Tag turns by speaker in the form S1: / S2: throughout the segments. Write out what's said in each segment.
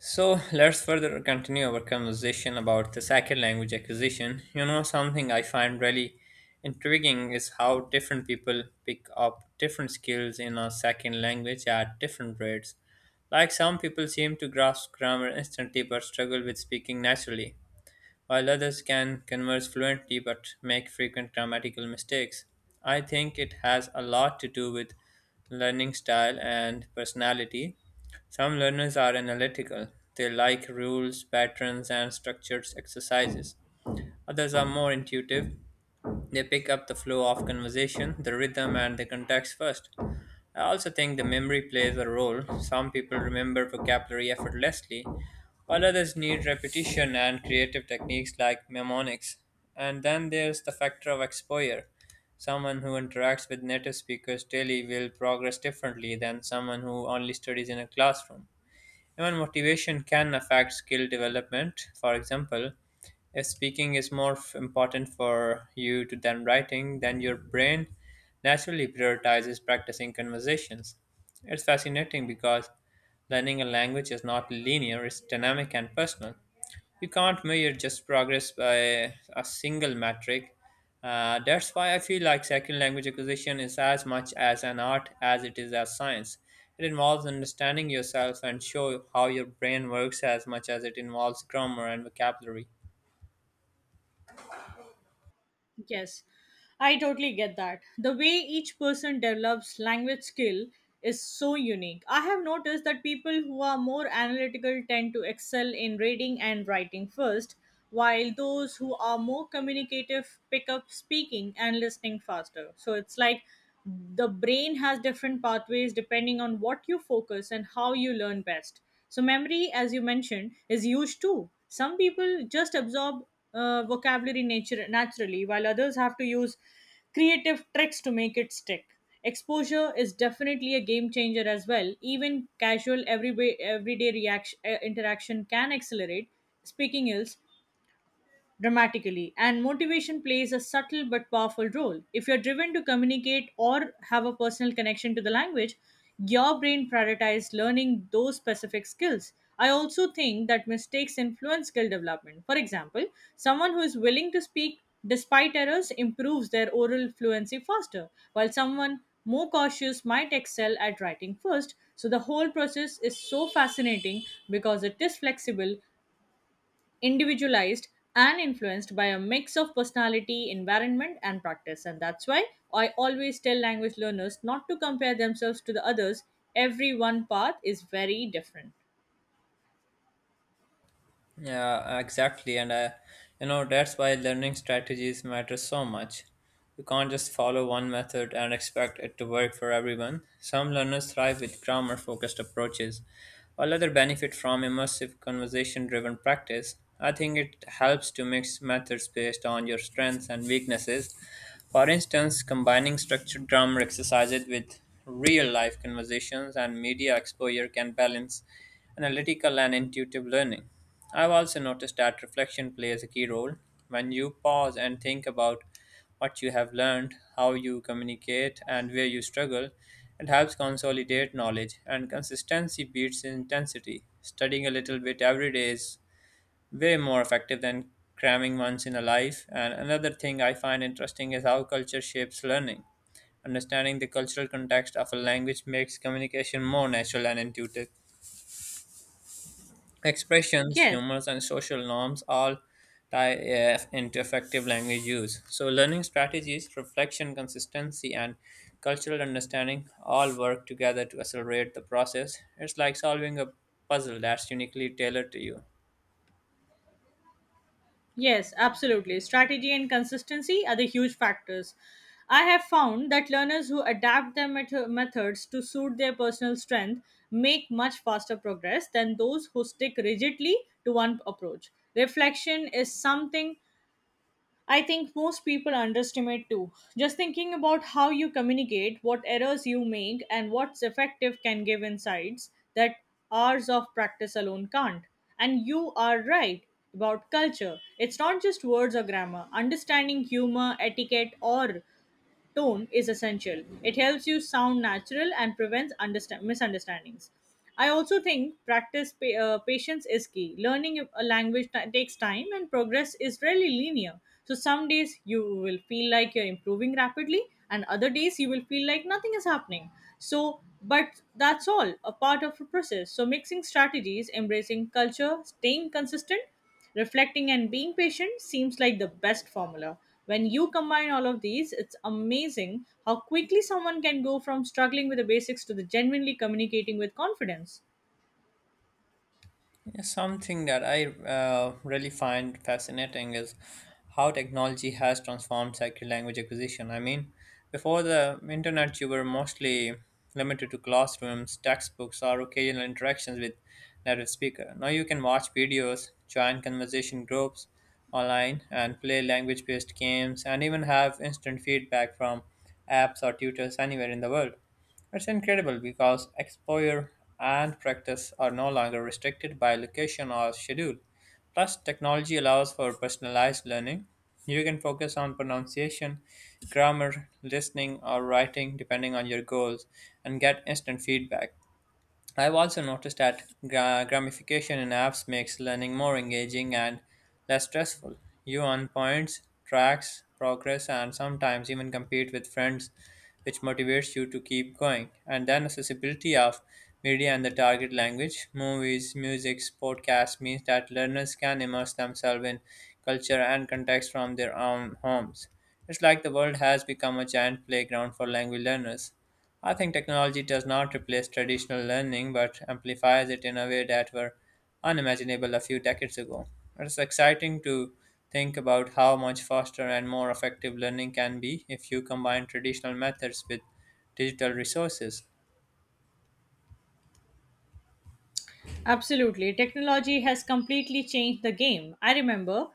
S1: So let's further continue our conversation about the second language acquisition. You know, something I find really intriguing is how different people pick up different skills in a second language at different rates. Like some people seem to grasp grammar instantly but struggle with speaking naturally, while others can converse fluently but make frequent grammatical mistakes. I think it has a lot to do with learning style and personality. Some learners are analytical, they like rules, patterns, and structured exercises. Others are more intuitive, they pick up the flow of conversation, the rhythm, and the context first. I also think the memory plays a role. Some people remember vocabulary effortlessly, while others need repetition and creative techniques like mnemonics. And then there's the factor of exposure. Someone who interacts with native speakers daily will progress differently than someone who only studies in a classroom. Even motivation can affect skill development. For example, if speaking is more important for you to than writing, then your brain naturally prioritizes practicing conversations. It's fascinating because learning a language is not linear, it's dynamic and personal. You can't measure just progress by a single metric. That's why I feel like second language acquisition is as much as an art as it is a science. It involves understanding yourself and show how your brain works as much as it involves grammar and vocabulary.
S2: Yes, I totally get that. The way each person develops language skill is so unique. I have noticed that people who are more analytical tend to excel in reading and writing first, while those who are more communicative pick up speaking and listening faster. So it's like the brain has different pathways depending on what you focus and how you learn best. So, memory, as you mentioned, is huge too. Some people just absorb vocabulary nature naturally, while others have to use creative tricks to make it stick. Exposure is definitely a game changer as well. Even casual everyday reaction interaction can accelerate speaking ills dramatically. And motivation plays a subtle but powerful role. If you're driven to communicate or have a personal connection to the language, your brain prioritizes learning those specific skills. I also think that mistakes influence skill development. For example, someone who is willing to speak despite errors improves their oral fluency faster, while someone more cautious might excel at writing first. So the whole process is so fascinating because it is flexible, individualized, and influenced by a mix of personality, environment, and practice. And that's why I always tell language learners not to compare themselves to the others. Every one path is very different.
S1: Yeah, exactly. And that's why learning strategies matter so much. You can't just follow one method and expect it to work for everyone. Some learners thrive with grammar focused approaches, while others benefit from immersive conversation driven practice. I think it helps to mix methods based on your strengths and weaknesses. For instance, combining structured grammar exercises with real life conversations and media exposure can balance analytical and intuitive learning. I've also noticed that reflection plays a key role. When you pause and think about what you have learned, how you communicate, and where you struggle, it helps consolidate knowledge, and consistency beats intensity. Studying a little bit every day is way more effective than cramming once in a life. And another thing I find interesting is how culture shapes learning. Understanding the cultural context of a language makes communication more natural and intuitive. Expressions,
S2: Yes,
S1: humors, and social norms all tie into effective language use. So, learning strategies, reflection, consistency, and cultural understanding all work together to accelerate the process. It's like solving a puzzle that's uniquely tailored to you.
S2: yes, absolutely. Strategy and consistency are the huge factors. I have found that learners who adapt their methods to suit their personal strength make much faster progress than those who stick rigidly to one approach. Reflection is something I think most people underestimate too. Just thinking about how you communicate, what errors you make, and what's effective can give insights that hours of practice alone can't. And you are right about culture. It's not just words or grammar. Understanding humor, etiquette, or tone is essential. It helps you sound natural and prevents misunderstandings. I also think patience is key. Learning a language takes time and progress is rarely linear. So some days you will feel like you're improving rapidly and other days you will feel like nothing is happening. So but that's all a part of a process. So mixing strategies, embracing culture, staying consistent, reflecting, and being patient seems like the best formula. When you combine all of these, it's amazing how quickly someone can go from struggling with the basics to the genuinely communicating with confidence.
S1: Yeah, something that I really find fascinating is how technology has transformed second language acquisition. I mean, before the internet, you were mostly limited to classrooms, textbooks, or occasional interactions with native speaker. Now you can watch videos, join conversation groups online, and play language-based games, and even have instant feedback from apps or tutors anywhere in the world. It's incredible because exposure and practice are no longer restricted by location or schedule. Plus, technology allows for personalized learning. You can focus on pronunciation, grammar, listening, or writing depending on your goals and get instant feedback. I've also noticed that gamification in apps makes learning more engaging and less stressful. You earn points, tracks, progress, and sometimes even compete with friends, which motivates you to keep going. And then accessibility of media and the target language, movies, music, podcasts means that learners can immerse themselves in culture and context from their own homes. It's like the world has become a giant playground for language learners. I think technology does not replace traditional learning but amplifies it in a way that were unimaginable a few decades ago. It's exciting to think about how much faster and more effective learning can be if you combine traditional methods with digital resources.
S2: Absolutely. Technology has completely changed the game. I remember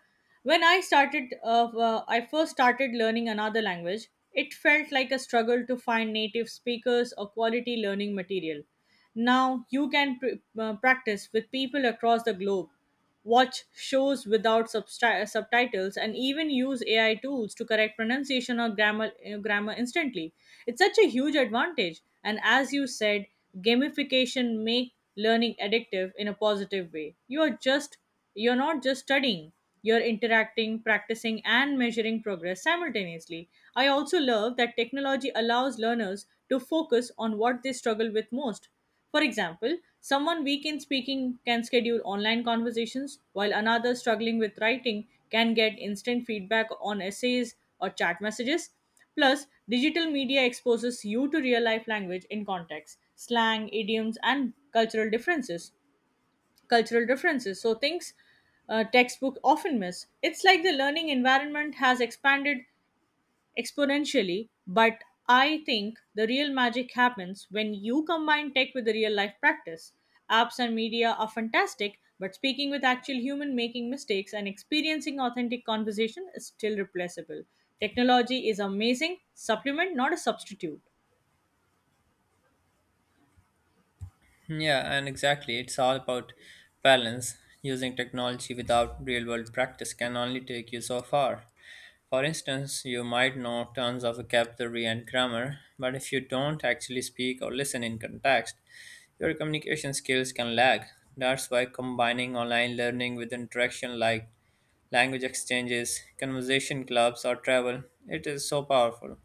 S2: when I started I first started learning another language, it felt like a struggle to find native speakers or quality learning material. Now you can practice with people across the globe, watch shows without subtitles, and even use AI tools to correct pronunciation or grammar instantly. It's such a huge advantage. And as you said, gamification make learning addictive in a positive way. You're not just studying, you're interacting, practicing, and measuring progress simultaneously. I also love that technology allows learners to focus on what they struggle with most. For example, someone weak in speaking can schedule online conversations, while another struggling with writing can get instant feedback on essays or chat messages. Plus, digital media exposes you to real life language in context, slang, idioms, and cultural differences, so things textbook often miss. It's like the learning environment has expanded exponentially, but I think the real magic happens when you combine tech with the real life practice. Apps and media are fantastic, but speaking with actual human making mistakes and experiencing authentic conversation is still replaceable. Technology is amazing supplement, not a substitute.
S1: Yeah, and exactly, it's all about balance. Using technology without real world practice can only take you so far. For instance, you might know tons of vocabulary and grammar, but if you don't actually speak or listen in context, your communication skills can lag. That's why combining online learning with interaction like language exchanges, conversation clubs, or travel, it is so powerful.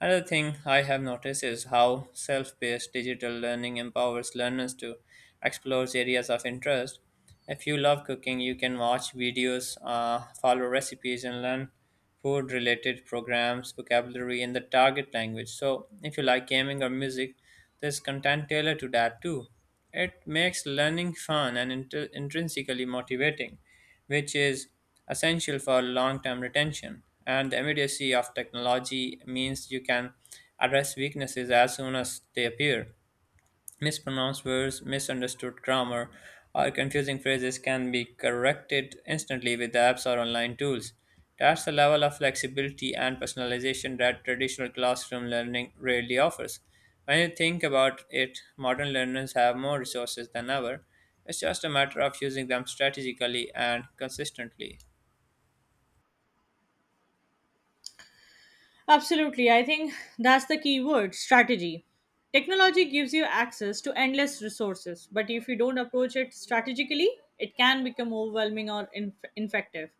S1: Another thing I have noticed is how self paced digital learning empowers learners to explore areas of interest. If you love cooking, you can watch videos, follow recipes, and learn food related programs, vocabulary, and the target language. So, if you like gaming or music, there's content tailored to that too. It makes learning fun and intrinsically motivating which is essential for long term retention. And the immediacy of technology means you can address weaknesses as soon as they appear. Mispronounced words, misunderstood grammar, or confusing phrases can be corrected instantly with apps or online tools. That's the level of flexibility and personalization that traditional classroom learning rarely offers. When you think about it, modern learners have more resources than ever. It's just a matter of using them strategically and consistently.
S2: Absolutely. I think that's the key word strategy. Technology gives you access to endless resources, but if you don't approach it strategically, it can become overwhelming or ineffective.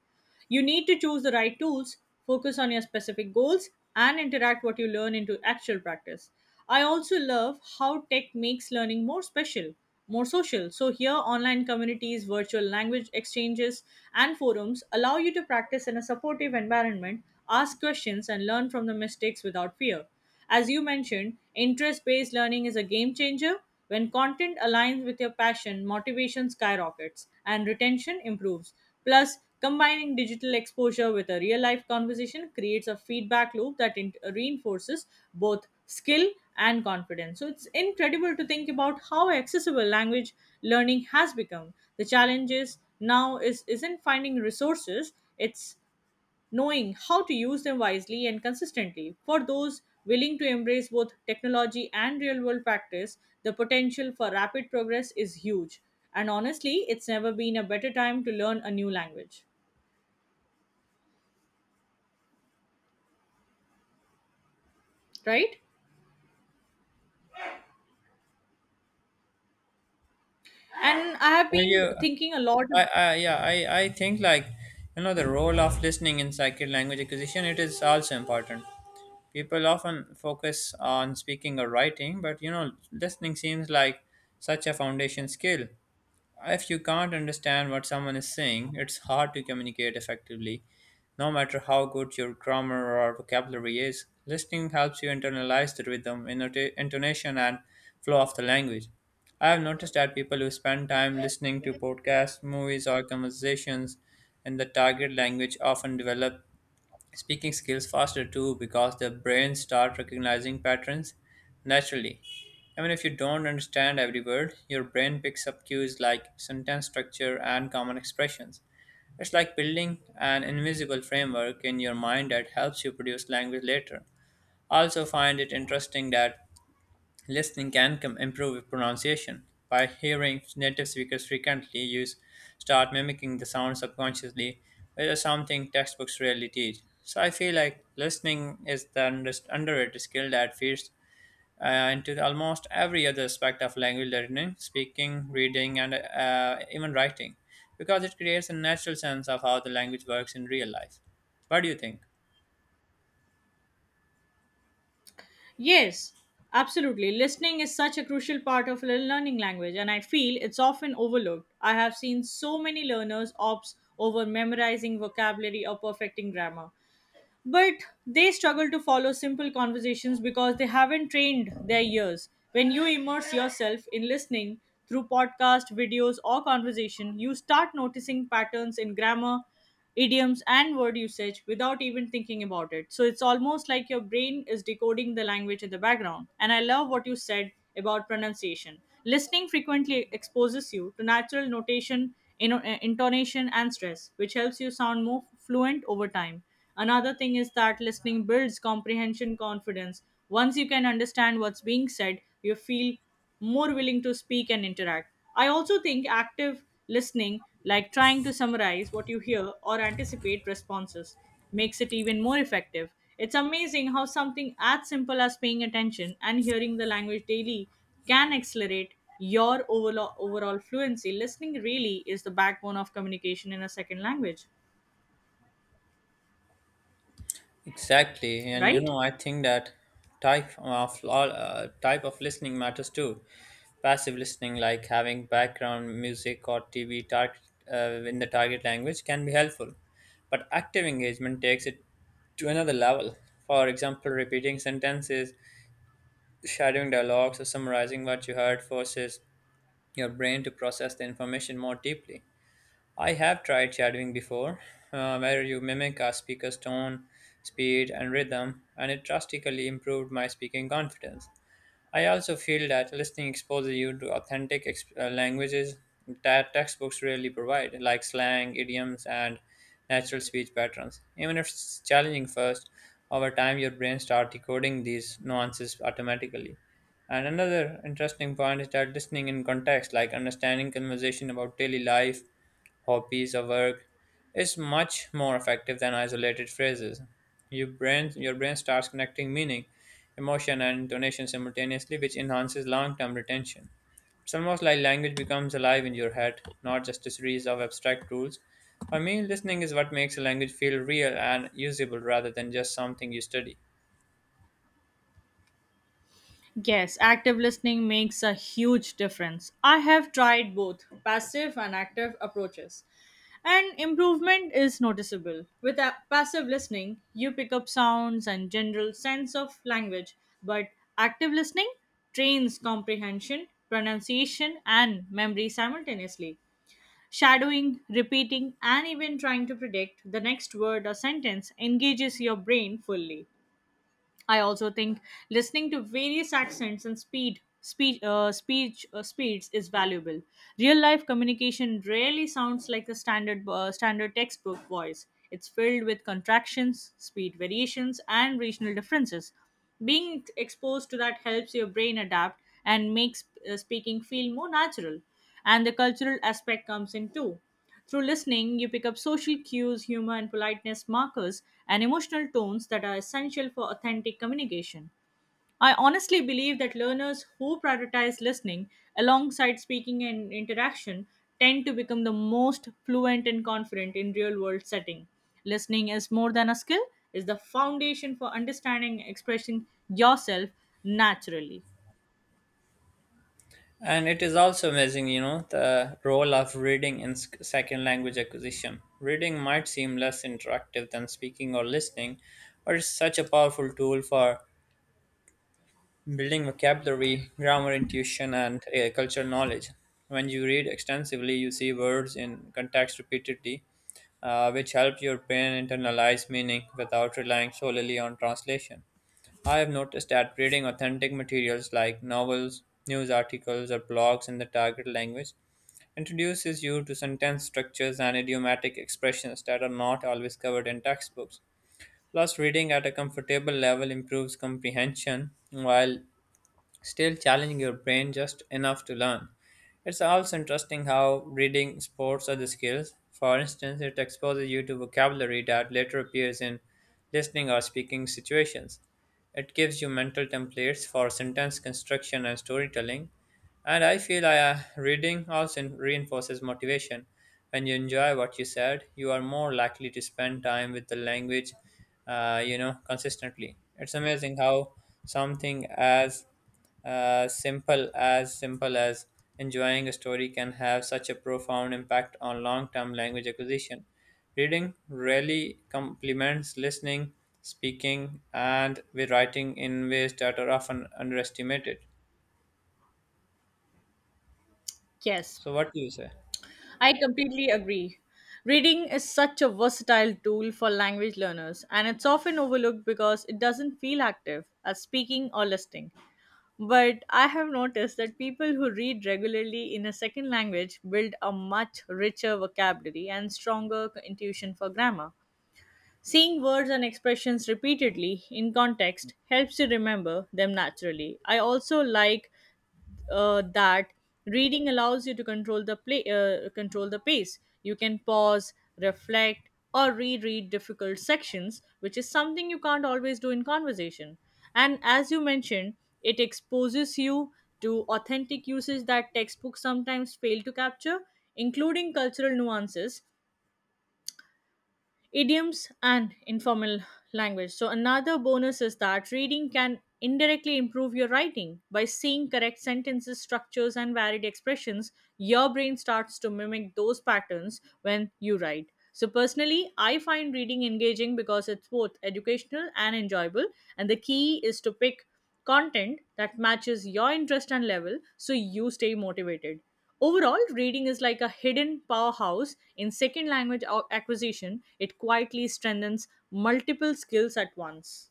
S2: You need to choose the right tools, focus on your specific goals, and interact what you learn into actual practice. I also love how tech makes learning more social. So, here, online communities, virtual language exchanges, and forums allow you to practice in a supportive environment, ask questions, and learn from the mistakes without fear. As you mentioned, interest based learning is a game changer. When content aligns with your passion, motivation skyrockets and retention improves. Plus, combining digital exposure with a real life conversation creates a feedback loop that reinforces both skill and confidence. So, it's incredible to think about how accessible language learning has become. The challenge is now is isn't finding resources, it's knowing how to use them wisely and consistently. For those willing to embrace both technology and real world practice, the potential for rapid progress is huge. And honestly, it's never been a better time to learn a new language, right? And I have
S1: Well,
S2: been
S1: you,
S2: thinking a lot.
S1: I, yeah, I think the role of listening in psychic language acquisition, it is also important. People often focus on speaking or writing, but you know, listening seems like such a foundation skill. If you can't understand what someone is saying, it's hard to communicate effectively, no matter how good your grammar or vocabulary is. Listening helps you internalize the rhythm, intonation, and flow of the language. I have noticed that people who spend time listening to podcasts, movies, or conversations in the target language often develop speaking skills faster too because the brain start recognizing patterns naturally. I mean, if you don't understand every word, your brain picks up cues like sentence structure and common expressions. It's like building an invisible framework in your mind that helps you produce language later. I also find it interesting that listening can improve pronunciation. By hearing native speakers frequently use, start mimicking the sound subconsciously, which is something textbooks rarely teach. So I feel like listening is the underrated skill that feeds uh, into almost every other aspect of language learning, speaking, reading, and even writing, because it creates a natural sense of how the language works in real life. What do you think?
S2: Yes, absolutely. Listening is such a crucial part of learning language, and I feel it's often overlooked. I have seen so many learners opt over memorizing vocabulary or perfecting grammar, but they struggle to follow simple conversations because they haven't trained their ears. When you immerse yourself in listening through podcast, videos, or conversation, you start noticing patterns in grammar, idioms, and word usage without even thinking about it. So it's almost like your brain is decoding the language in the background. And I love what you said about pronunciation. Listening frequently exposes you to natural notation, intonation, and stress, which helps you sound more fluent over time. Another thing is that listening builds comprehension confidence. Once you can understand what's being said, you feel more willing to speak and interact. I also think active listening, like trying to summarize what you hear or anticipate responses, makes it even more effective. It's amazing how something as simple as paying attention and hearing the language daily can accelerate your overall fluency. Listening really is the backbone of communication in a second language,
S1: Exactly, and you
S2: right?
S1: know, I think that type of listening matters too. Passive listening, like having background music or TV target uh, in the target language, can be helpful. But active engagement takes it to another level. For example, repeating sentences, shadowing dialogues, or summarizing what you heard forces your brain to process the information more deeply. I have tried shadowing before, where you mimic a speaker's tone, speed, and rhythm, and it drastically improved my speaking confidence. I also feel that listening exposes you to authentic languages that textbooks rarely provide, like slang, idioms, and natural speech patterns. Even if it's challenging first, over time your brain starts decoding these nuances automatically. And another interesting point is that listening in context, like understanding conversation about daily life hobbies, or work is much more effective than isolated phrases. Your brain starts connecting meaning, emotion, and intonation simultaneously, which enhances long term retention. It's almost like language becomes alive in your head, not just a series of abstract rules. For me, listening is what makes a language feel real and usable rather than just something you study.
S2: Yes, active listening makes a huge difference. I have tried both passive and active approaches, and improvement is noticeable. With passive listening, you pick up sounds and general sense of language, but active listening trains comprehension, pronunciation, and memory simultaneously. Shadowing, repeating, and even trying to predict the next word or sentence engages your brain fully. I also think listening to various accents and speed speech speech speeds is valuable. Real life communication rarely sounds like the standard textbook voice. It's filled with contractions, speed variations, and regional differences. Being exposed to that helps your brain adapt and makes speaking feel more natural. And the cultural aspect comes in too. Through listening, you pick up social cues, humor, and politeness markers, and emotional tones that are essential for authentic communication. I honestly believe that learners who prioritize listening alongside speaking and interaction tend to become the most fluent and confident in real world setting. Listening is more than a skill, is the foundation for understanding and expressing yourself naturally.
S1: And it is also amazing, you know, the role of reading in second language acquisition. Reading might seem less interactive than speaking or listening, but it's such a powerful tool for building vocabulary, grammar intuition, and cultural knowledge. When you read extensively, you see words in context repeatedly, which help your brain internalize meaning without relying solely on translation. I have noticed that reading authentic materials like novels, news articles, or blogs in the target language introduces you to sentence structures and idiomatic expressions that are not always covered in textbooks. Plus, reading at a comfortable level improves comprehension while still challenging your brain just enough to learn. It's also interesting how reading sports other skills. For instance, it exposes you to vocabulary that later appears in listening or speaking situations. It gives you mental templates for sentence construction and storytelling. And reading also reinforces motivation. When you enjoy what you said, you are more likely to spend time with the language, consistently. It's amazing how something as simple as enjoying a story can have such a profound impact on long-term language acquisition. Reading really complements listening, speaking, and with writing in ways that are often underestimated.
S2: Yes.
S1: So, what do you say?
S2: I completely agree. Reading is such a versatile tool for language learners, and it's often overlooked because it doesn't feel active as speaking or listening. But I have noticed that people who read regularly in a second language build a much richer vocabulary and stronger intuition for grammar. Seeing words and expressions repeatedly in context helps you remember them naturally. I also like that reading allows you to control the pace. You can pause, reflect, or reread difficult sections, which is something you can't always do in conversation. And as you mentioned, it exposes you to authentic uses that textbooks sometimes fail to capture, including cultural nuances, idioms, and informal language. So, another bonus is that reading can indirectly improve your writing. By seeing correct sentences, structures, and varied expressions, your brain starts to mimic those patterns when you write. So, personally, I find reading engaging because it's both educational and enjoyable, and the key is to pick content that matches your interest and level so you stay motivated. Overall, reading is like a hidden powerhouse in second language acquisition. It quietly strengthens multiple skills at once.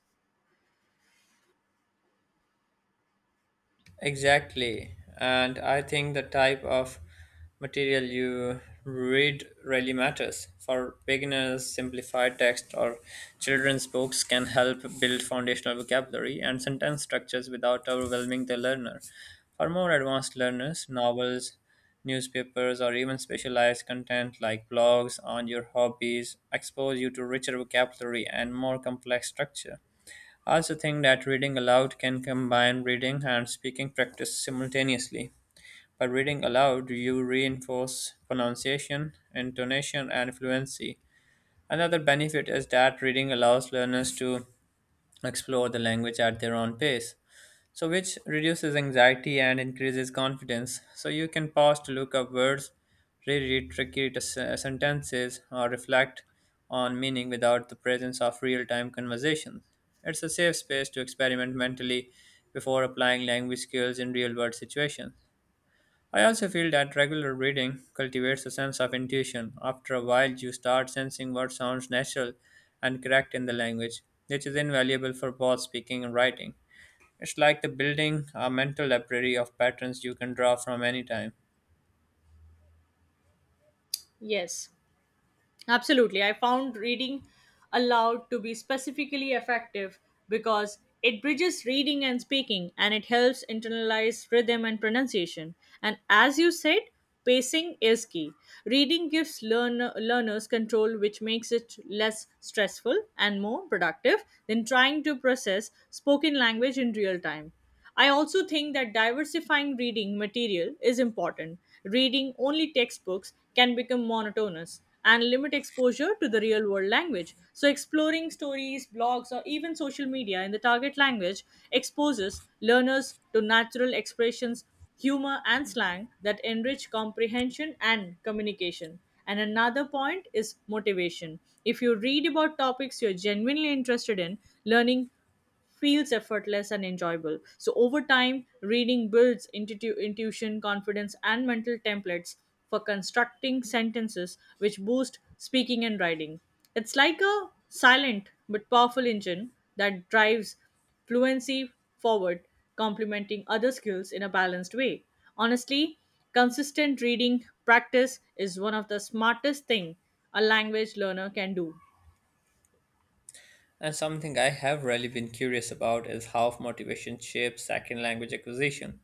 S1: Exactly. And I think the type of material you read really matters. For beginners, simplified text or children's books can help build foundational vocabulary and sentence structures without overwhelming the learner. For more advanced learners, novels, newspapers, or even specialized content like blogs on your hobbies expose you to richer vocabulary and more complex structure. I also think that reading aloud can combine reading and speaking practice simultaneously. By reading aloud, you reinforce pronunciation, intonation, and fluency. Another benefit is that reading allows learners to explore the language at their own pace, which reduces anxiety and increases confidence. So you can pause to look up words, reread sentences, or reflect on meaning without the presence of real time conversations. It's a safe space to experiment mentally before applying language skills in real world situations. I also feel that regular reading cultivates a sense of intuition. After a while, you start sensing what sounds natural and correct in the language, which is invaluable for both speaking and writing. It's like the building a mental library of patterns you can draw from any time.
S2: Yes. Absolutely. I found reading aloud to be specifically effective because it bridges reading and speaking, and it helps internalize rhythm and pronunciation. And as you said, pacing is key. Reading gives learners control, which makes it less stressful and more productive than trying to process spoken language in real time. I also think that diversifying reading material is important. Reading only textbooks can become monotonous and limit exposure to the real world language. So, exploring stories, blogs, or even social media in the target language exposes learners to natural expressions, humor, and slang that enrich comprehension and communication. And another point is motivation. If you read about topics you're genuinely interested in, learning feels effortless and enjoyable. So, over time, reading builds intuition, confidence, and mental templates for constructing sentences which boost speaking and writing. It's like a silent but powerful engine that drives fluency forward, complementing other skills in a balanced way. Honestly, consistent reading practice is one of the smartest thing a language learner can do.
S1: And something I have really been curious about is how motivation shapes second language acquisition.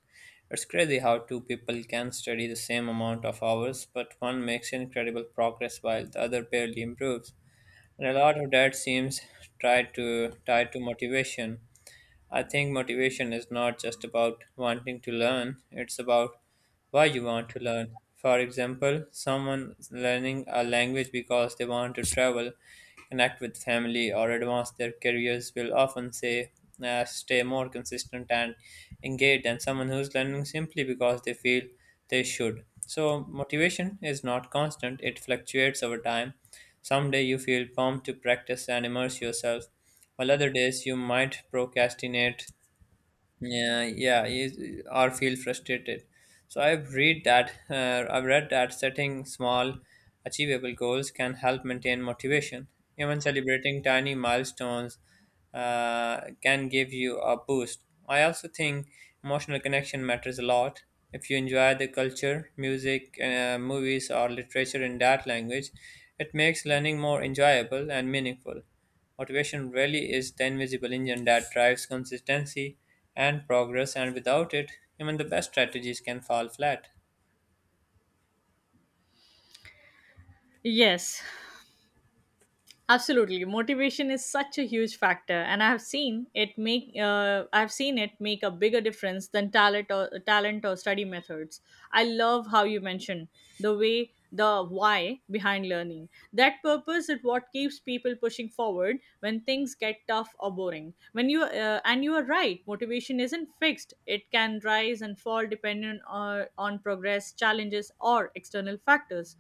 S1: It's crazy how two people can study the same amount of hours, but one makes incredible progress while the other barely improves. And a lot of that seems tied to motivation. I think motivation is not just about wanting to learn, it's about why you want to learn. For example, someone is learning a language because they want to travel, connect with family, or advance their careers will often say, stay more consistent and engaged than someone who's learning simply because they feel they should. So, motivation is not constant, it fluctuates over time. Some days you feel pumped to practice and immerse yourself, while other days you might procrastinate, yeah, yeah, or feel frustrated. So I've read that setting small, achievable goals can help maintain motivation. Even celebrating tiny milestones can give you a boost. I also think emotional connection matters a lot. If you enjoy the culture, music, movies, or literature in that language, it makes learning more enjoyable and meaningful. Motivation really is the invisible engine that drives consistency and progress, and without it, even the best strategies can fall flat.
S2: Yes, absolutely, motivation is such a huge factor, and I have seen it make a bigger difference than talent or study methods. I love how you mentioned the way the why behind learning. That purpose is what keeps people pushing forward when things get tough or boring. When you and you are right, motivation isn't fixed. It can rise and fall depending on progress, challenges, or external factors.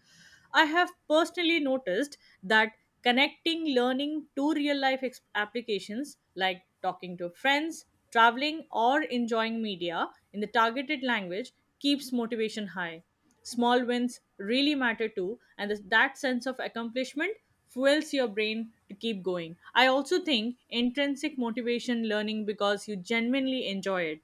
S2: I have personally noticed that connecting learning to real life applications like talking to friends, traveling, or enjoying media in the targeted language keeps motivation high. Small wins really matter too, and that sense of accomplishment fuels your brain to keep going. I also think intrinsic motivation, learning because you genuinely enjoy it,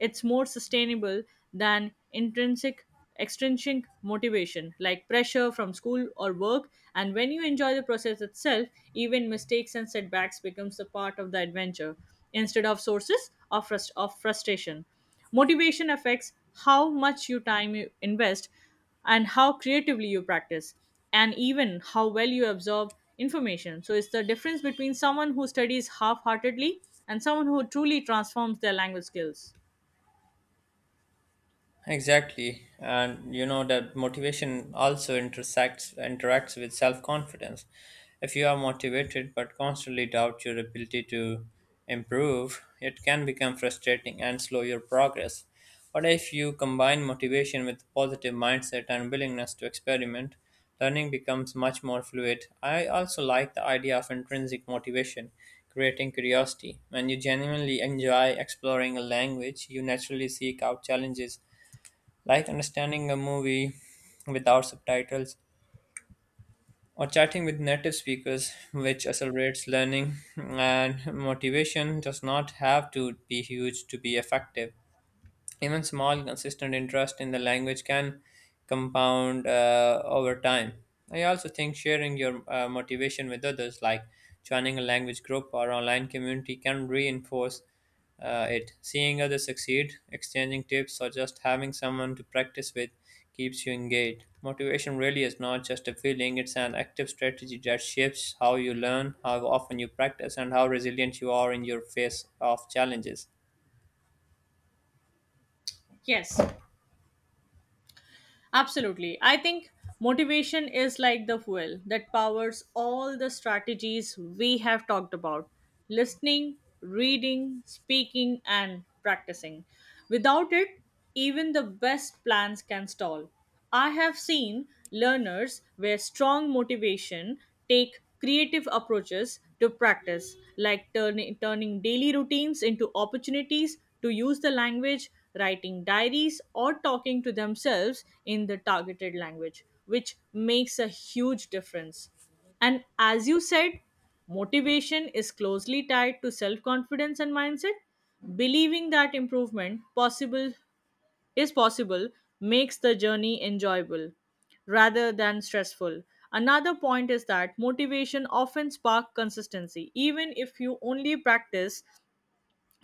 S2: it's more sustainable than intrinsic extrinsic motivation like pressure from school or work. And when you enjoy the process itself, even mistakes and setbacks becomes a part of the adventure instead of sources of, frustration. Motivation affects how much you time you invest, and how creatively you practice, and even how well you absorb information. So it's the difference between someone who studies half-heartedly and someone who truly transforms their language skills.
S1: Exactly. And you know that motivation also intersects interacts with self-confidence. If you are motivated but constantly doubt your ability to improve, it can become frustrating and slow your progress. But if you combine motivation with positive mindset and willingness to experiment, learning becomes much more fluid. I also like the idea of intrinsic motivation, creating curiosity. When you genuinely enjoy exploring a language, you naturally seek out challenges like understanding a movie without subtitles or chatting with native speakers, which accelerates learning, and motivation does not have to be huge to be effective. Even small, consistent interest in the language can compound over time. I also think sharing your motivation with others, like joining a language group or online community, can reinforce it. Seeing others succeed, exchanging tips, or just having someone to practice with keeps you engaged. Motivation really is not just a feeling, it's an active strategy that shapes how you learn, how often you practice, and how resilient you are in your face of challenges.
S2: Yes, absolutely. I think motivation is like the fuel that powers all the strategies we have talked about: listening, reading, speaking, and practicing. Without it, even the best plans can stall. I have seen learners where strong motivation take creative approaches to practice, like turning daily routines into opportunities to use the language, writing diaries, or talking to themselves in the targeted language, which makes a huge difference. And as you said, motivation is closely tied to self confidence and mindset. Believing that improvement possible is possible makes the journey enjoyable rather than stressful. Another point is that motivation often sparks consistency. Even if you only practice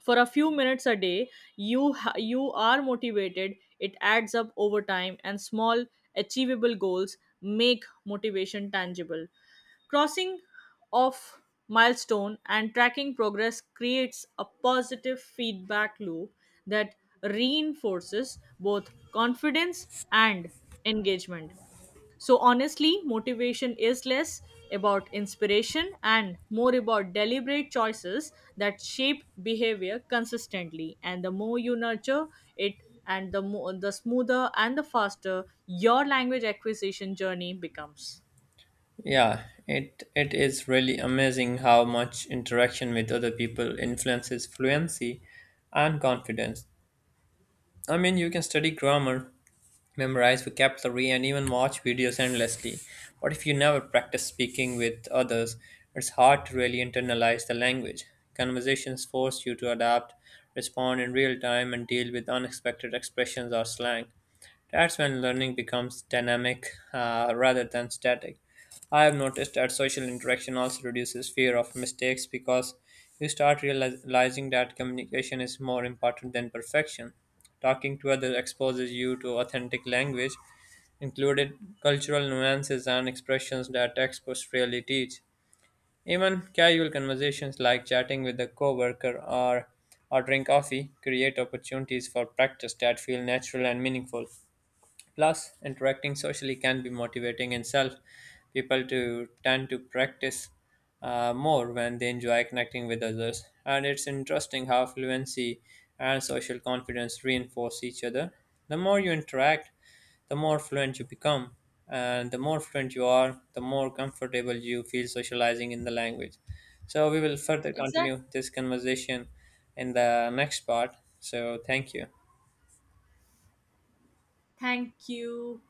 S2: for a few minutes a day, you are motivated, it adds up over time. And small achievable goals make motivation tangible. Crossing off milestone and tracking progress creates a positive feedback loop that reinforces both confidence and engagement. So, honestly, motivation is less about inspiration and more about deliberate choices that shape behavior consistently. And the more you nurture it, and the more the smoother and the faster your language acquisition journey becomes.
S1: Yeah, it is really amazing how much interaction with other people influences fluency and confidence. I mean, you can study grammar, memorize vocabulary, and even watch videos endlessly. But if you never practice speaking with others, it's hard to really internalize the language. Conversations force you to adapt, respond in real time, and deal with unexpected expressions or slang. That's when learning becomes dynamic, rather than static. I have noticed that social interaction also reduces fear of mistakes because you start realizing that communication is more important than perfection. Talking to others exposes you to authentic language, included cultural nuances and expressions that textbooks rarely teach. Even casual conversations like chatting with a coworker or ordering coffee create opportunities for practice that feel natural and meaningful. Plus, interacting socially can be motivating in itself. People to tend to practice more when they enjoy connecting with others. And it's interesting how fluency and social confidence reinforce each other. The more you interact, the more fluent you become. And the more fluent you are, the more comfortable you feel socializing in the language. So, we will further
S2: Exactly.
S1: continue this conversation in the next part. So, thank you.
S2: Thank you.